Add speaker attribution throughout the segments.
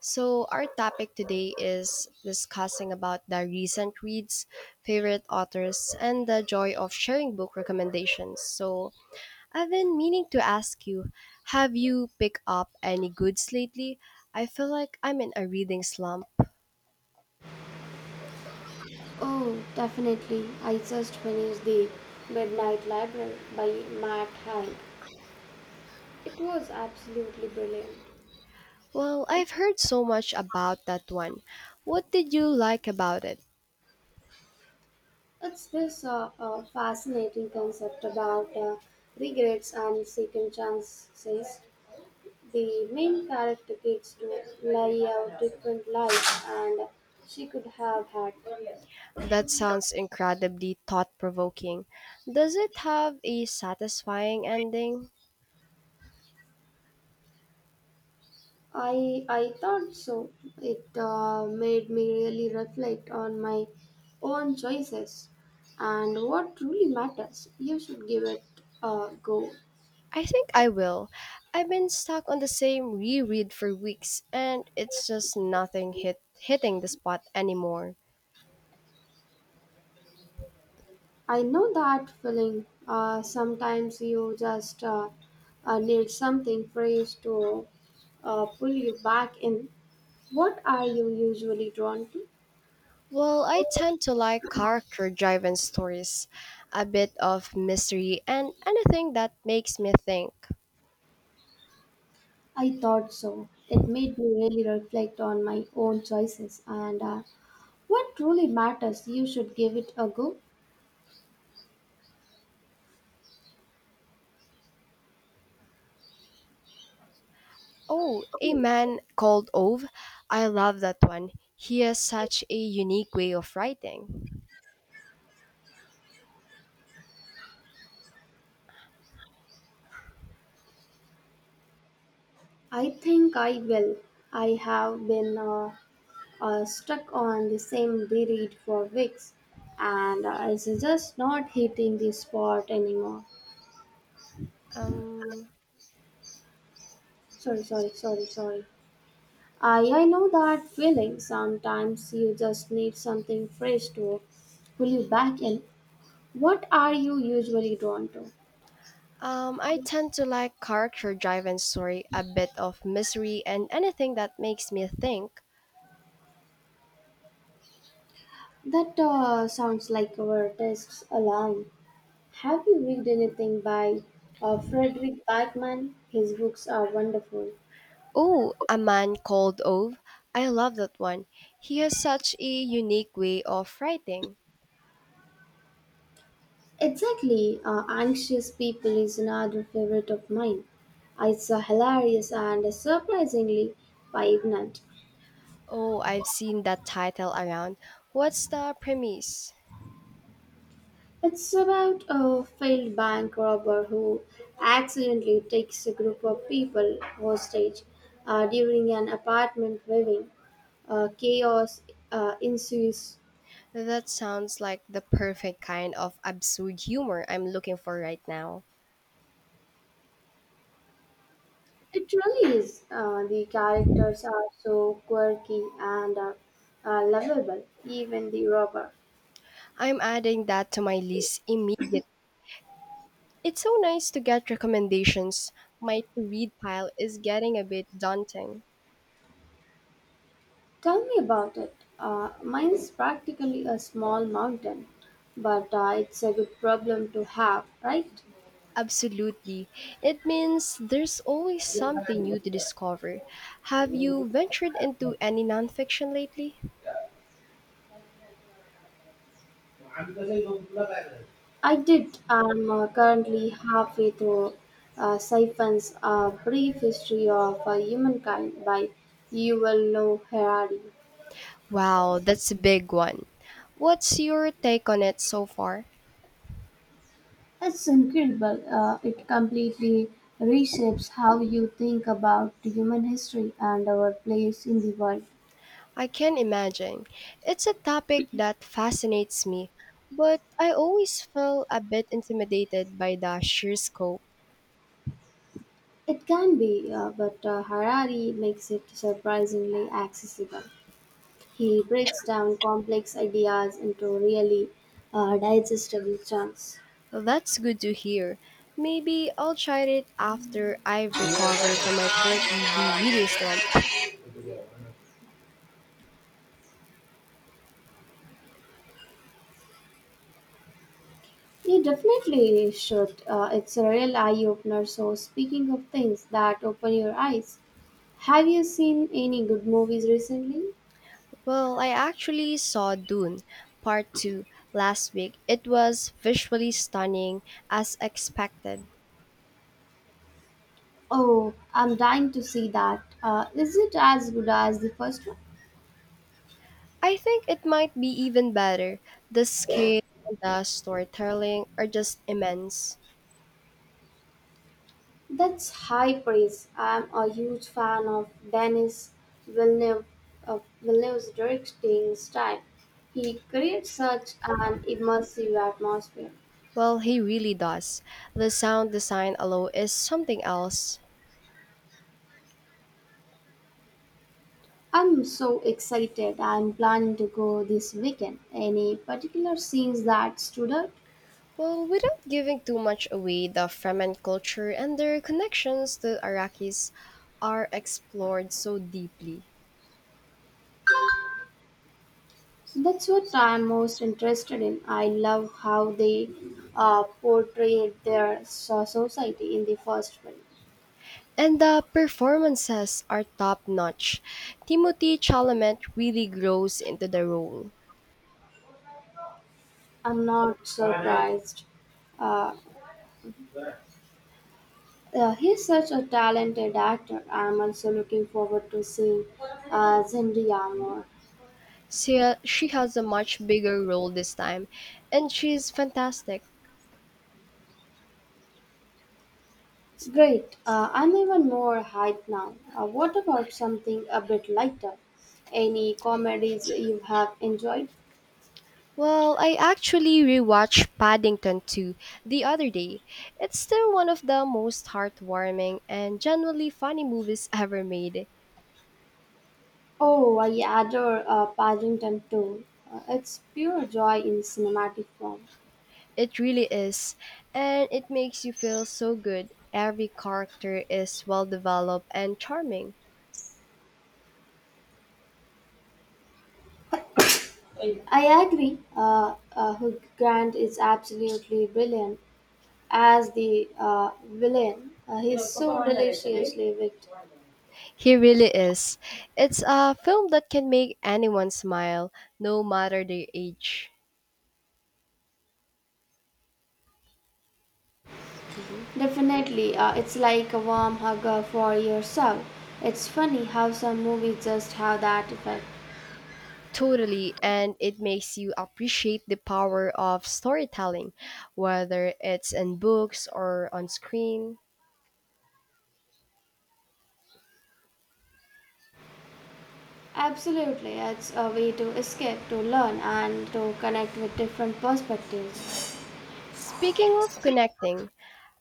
Speaker 1: So our topic today is discussing about the recent reads, favorite authors, and the joy of sharing book recommendations. So I've been meaning to ask you, have you picked up any goods lately? I feel like I'm in a reading slump.
Speaker 2: Oh, definitely. I just finished The Midnight Library by Matt Haig. It was absolutely brilliant.
Speaker 1: Well, I've heard so much about that one. What did you like about it?
Speaker 2: It's this fascinating concept about regrets and second chances. The main character gets to lay out different lives and she could have had.
Speaker 1: That sounds incredibly thought provoking. Does it have a satisfying ending?
Speaker 2: I thought so. It made me really reflect on my own choices and what truly matters. You should give it a go.
Speaker 1: I think I will. I've been stuck on the same reread for weeks and it's just nothing hitting the spot anymore.
Speaker 2: I know that feeling. Sometimes you just need something fresh to pull you back in. What are you usually drawn to?
Speaker 1: Well, I tend to like character driven stories, a bit of mystery and anything that makes me think.
Speaker 2: I thought so. It made me really reflect on my own choices and what truly matters. You should give it a go.
Speaker 1: Oh, a man called Ove. I love that one. He has such a unique way of writing.
Speaker 2: I think I will. I have been stuck on the same reread for weeks, and it's just not hitting the spot anymore.
Speaker 1: Um,
Speaker 2: Sorry, sorry, sorry, sorry. I know that feeling. Sometimes you just need something fresh to pull you back in. What are you usually drawn to?
Speaker 1: I tend to like character driven story, a bit of mystery, and anything that makes me think.
Speaker 2: That sounds like our tastes align. Have you read anything by Frederick Backman? His books are wonderful.
Speaker 1: Oh, A Man Called Ove. I love that one. He has such a unique way of writing.
Speaker 2: Exactly, anxious people is another favorite of mine. It's hilarious and surprisingly poignant.
Speaker 1: Oh, I've seen that title around. What's the premise?
Speaker 2: It's about a failed bank robber who accidentally takes a group of people hostage during an apartment viewing. Chaos ensues.
Speaker 1: That sounds like the perfect kind of absurd humor I'm looking for right now.
Speaker 2: It really is. The characters are so quirky and lovable, even the robber.
Speaker 1: I'm adding that to my list immediately. It's so nice to get recommendations. My to read pile is getting a bit daunting.
Speaker 2: Tell me about it. Mine's practically a small mountain, but it's a good problem to have, right?
Speaker 1: Absolutely. It means there's always something new to discover. Have you ventured into any nonfiction lately?
Speaker 2: I did. I'm currently halfway through Siphon's Brief History of Humankind by Yuval Noah Harari.
Speaker 1: Wow, that's a big one. What's your take on it so far?
Speaker 2: It's incredible. It completely reshapes how you think about human history and our place in the world.
Speaker 1: I can imagine. It's a topic that fascinates me, but I always feel a bit intimidated by the sheer scope.
Speaker 2: It can be, but Harari makes it surprisingly accessible. He breaks down complex ideas into really digestible chunks.
Speaker 1: That's good to hear. Maybe I'll try it after I've recovered from my currently reading slump.
Speaker 2: You definitely should. It's a real eye opener. So, speaking of things that open your eyes, have you seen any good movies recently?
Speaker 1: Well, I actually saw Dune Part 2 last week. It was visually stunning as expected.
Speaker 2: Oh, I'm dying to see that. Is it as good as the first one?
Speaker 1: I think it might be even better. The scale and the storytelling are just immense.
Speaker 2: That's high praise. I'm a huge fan of Villeneuve, Villeneuve's directing style. He creates such an immersive atmosphere.
Speaker 1: Well, he really does. The sound design alone is something else.
Speaker 2: I'm so excited. I'm planning to go this weekend. Any particular scenes that stood out?
Speaker 1: Well, without giving too much away, the Fremen culture and their connections to Arrakis are explored so deeply.
Speaker 2: That's what I'm most interested in. I love how they portrayed their society in the first film.
Speaker 1: And the performances are top notch. Timothy Chalamet really grows into the role.
Speaker 2: I'm not surprised. Uh, Yeah, he's such a talented actor. I'm also looking forward to seeing Zendaya more.
Speaker 1: She has a much bigger role this time, and she's fantastic.
Speaker 2: Great. I'm even more hyped now. What about something a bit lighter? Any comedies you have enjoyed?
Speaker 1: Well, I actually rewatched Paddington 2 the other day. It's still one of the most heartwarming and genuinely funny movies ever made.
Speaker 2: Oh, I adore Paddington too. It's pure joy in cinematic form.
Speaker 1: It really is, and it makes you feel so good. Every character is well developed and charming.
Speaker 2: I agree. Hugh Grant is absolutely brilliant as the villain. He's so deliciously wicked.
Speaker 1: He really is. It's a film that can make anyone smile, no matter their age. Excuse me?
Speaker 2: Definitely, it's like a warm hug for yourself. It's funny how some movies just have that effect.
Speaker 1: Totally, and it makes you appreciate the power of storytelling, whether it's in books or on screen.
Speaker 2: Absolutely, it's a way to escape, to learn, and to connect with different perspectives.
Speaker 1: Speaking of connecting,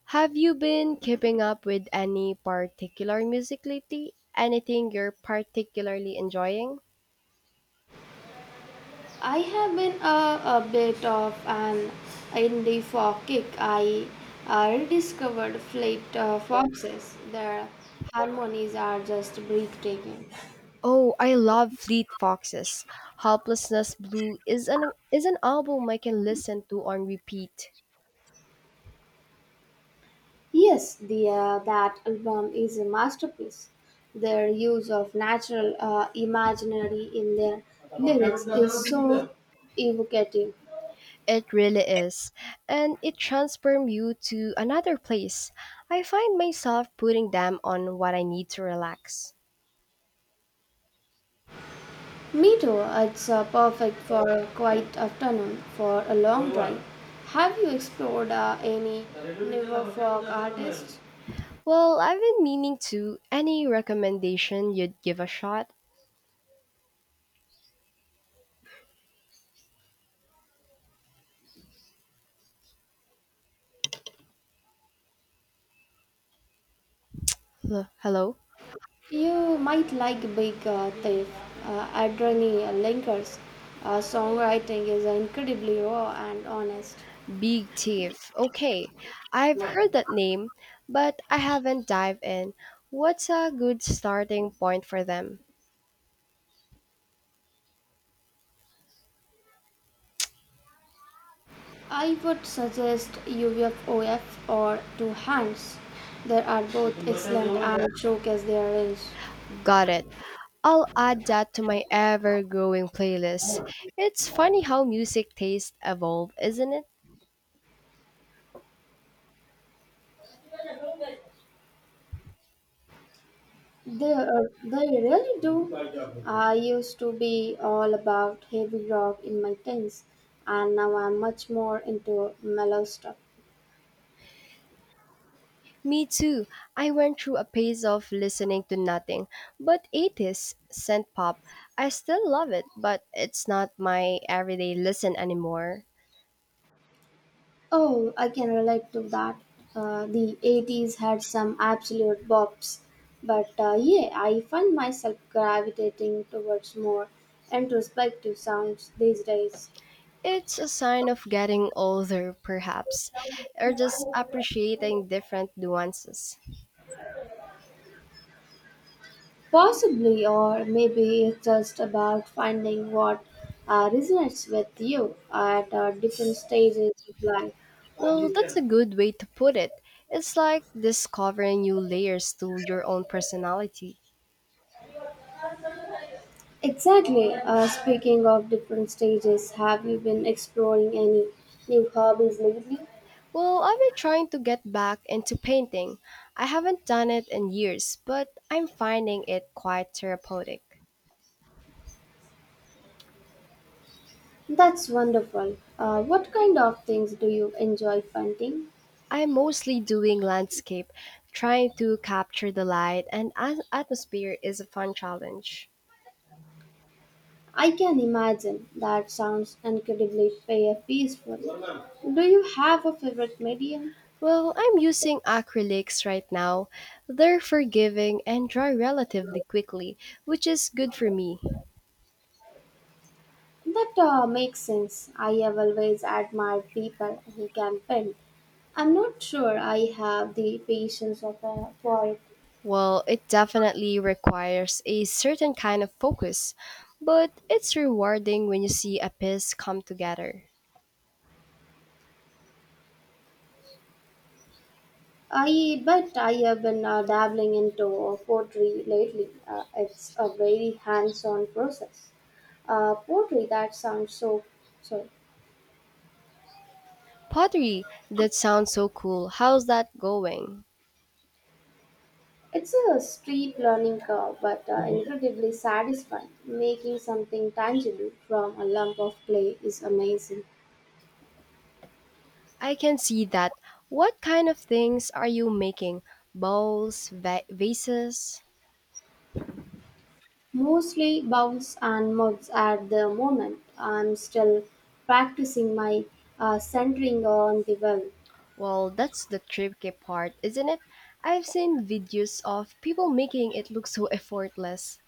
Speaker 1: have you been keeping up with any particular music lately? Anything you're particularly enjoying?
Speaker 2: I have been a bit of an indie folk kick. I rediscovered Fleet Foxes. Their harmonies are just breathtaking.
Speaker 1: Oh, I love Fleet Foxes. Helplessness Blue is an album I can listen to on repeat.
Speaker 2: Yes, the that album is a masterpiece. Their use of natural imaginary in their lyrics is so evocative.
Speaker 1: It really is. And it transforms you to another place. I find myself putting them on what I need to relax.
Speaker 2: Me too. It's perfect for a quiet afternoon for a long drive. Have you explored any newer folk artists?
Speaker 1: Well, I've been meaning to. Any recommendation you'd give a shot? Hello?
Speaker 2: You might like Big Thief, Adrenaline Linkers. Songwriting is incredibly raw and honest.
Speaker 1: Big Thief. Okay. I've heard that name, but I haven't dived in. What's a good starting point for them?
Speaker 2: I would suggest UFOF or Two Hands. They are both excellent and showcase their range.
Speaker 1: Got it. I'll add that to my ever growing playlist. It's funny how music tastes evolve, isn't it?
Speaker 2: They really do. I used to be all about heavy rock in my teens, and now I'm much more into mellow stuff.
Speaker 1: Me too. I went through a phase of listening to nothing but 80s synth pop. I still love it, but it's not my everyday listen anymore.
Speaker 2: Oh, I can relate to that. The 80s had some absolute bops, but yeah, I find myself gravitating towards more introspective sounds these days.
Speaker 1: It's a sign of getting older, perhaps, or just appreciating different nuances.
Speaker 2: Possibly, or maybe it's just about finding what resonates with you at different stages of life.
Speaker 1: Well, that's a good way to put it. It's like discovering new layers to your own personality.
Speaker 2: Exactly. Speaking of different stages, have you been exploring any new hobbies lately?
Speaker 1: Well, I've been trying to get back into painting. I haven't done it in years, but I'm finding it quite therapeutic.
Speaker 2: That's wonderful. What kind of things do you enjoy painting?
Speaker 1: I'm mostly doing landscape, trying to capture the light and atmosphere is a fun challenge.
Speaker 2: I can imagine that sounds incredibly peaceful. Do you have a favorite medium?
Speaker 1: Well, I'm using acrylics right now. They're forgiving and dry relatively quickly, which is good for me.
Speaker 2: That makes sense. I have always admired people who can paint. I'm not sure I have the patience of a, poet.
Speaker 1: Well, it definitely requires a certain kind of focus, but it's rewarding when you see a piece come together.
Speaker 2: I but I have been dabbling into pottery lately. It's a very hands-on process. Poetry. That sounds so sorry.
Speaker 1: Pottery, that sounds so cool. How's that going?
Speaker 2: It's a steep learning curve, but incredibly satisfying. Making something tangible from a lump of clay is amazing.
Speaker 1: I can see that. What kind of things are you making? Bowls, vases?
Speaker 2: Mostly bounce and mugs at the moment. I'm still practicing my centering on the well.
Speaker 1: Well, that's the tricky part, isn't it? I've seen videos of people making it look so effortless.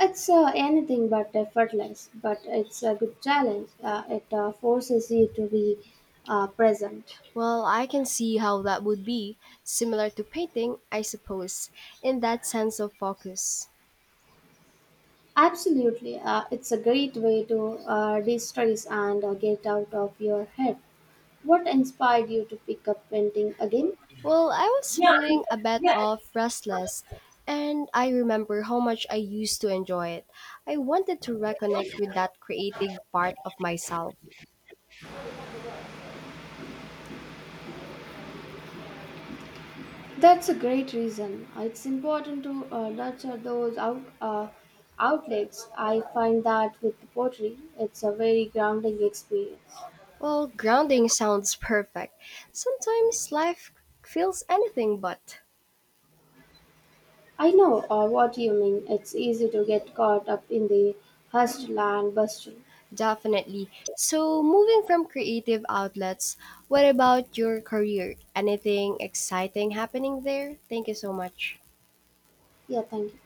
Speaker 2: It's anything but effortless, but it's a good challenge. It forces you to be present.
Speaker 1: Well, I can see how that would be similar to painting, I suppose, in that sense of focus.
Speaker 2: Absolutely, it's a great way to de-stress and get out of your head. What inspired you to pick up painting again?
Speaker 1: Well, I was feeling a bit of restless, and I remember how much I used to enjoy it. I wanted to reconnect with that creative part of myself.
Speaker 2: That's a great reason. It's important to nurture those outlets. I find that with pottery, it's a very grounding experience.
Speaker 1: Well, grounding sounds perfect. Sometimes life feels anything but.
Speaker 2: I know what you mean. It's easy to get caught up in the hustle and bustle.
Speaker 1: Definitely. So, moving from creative outlets, what about your career? Anything exciting happening there? Thank you so much.
Speaker 2: Yeah, thank you.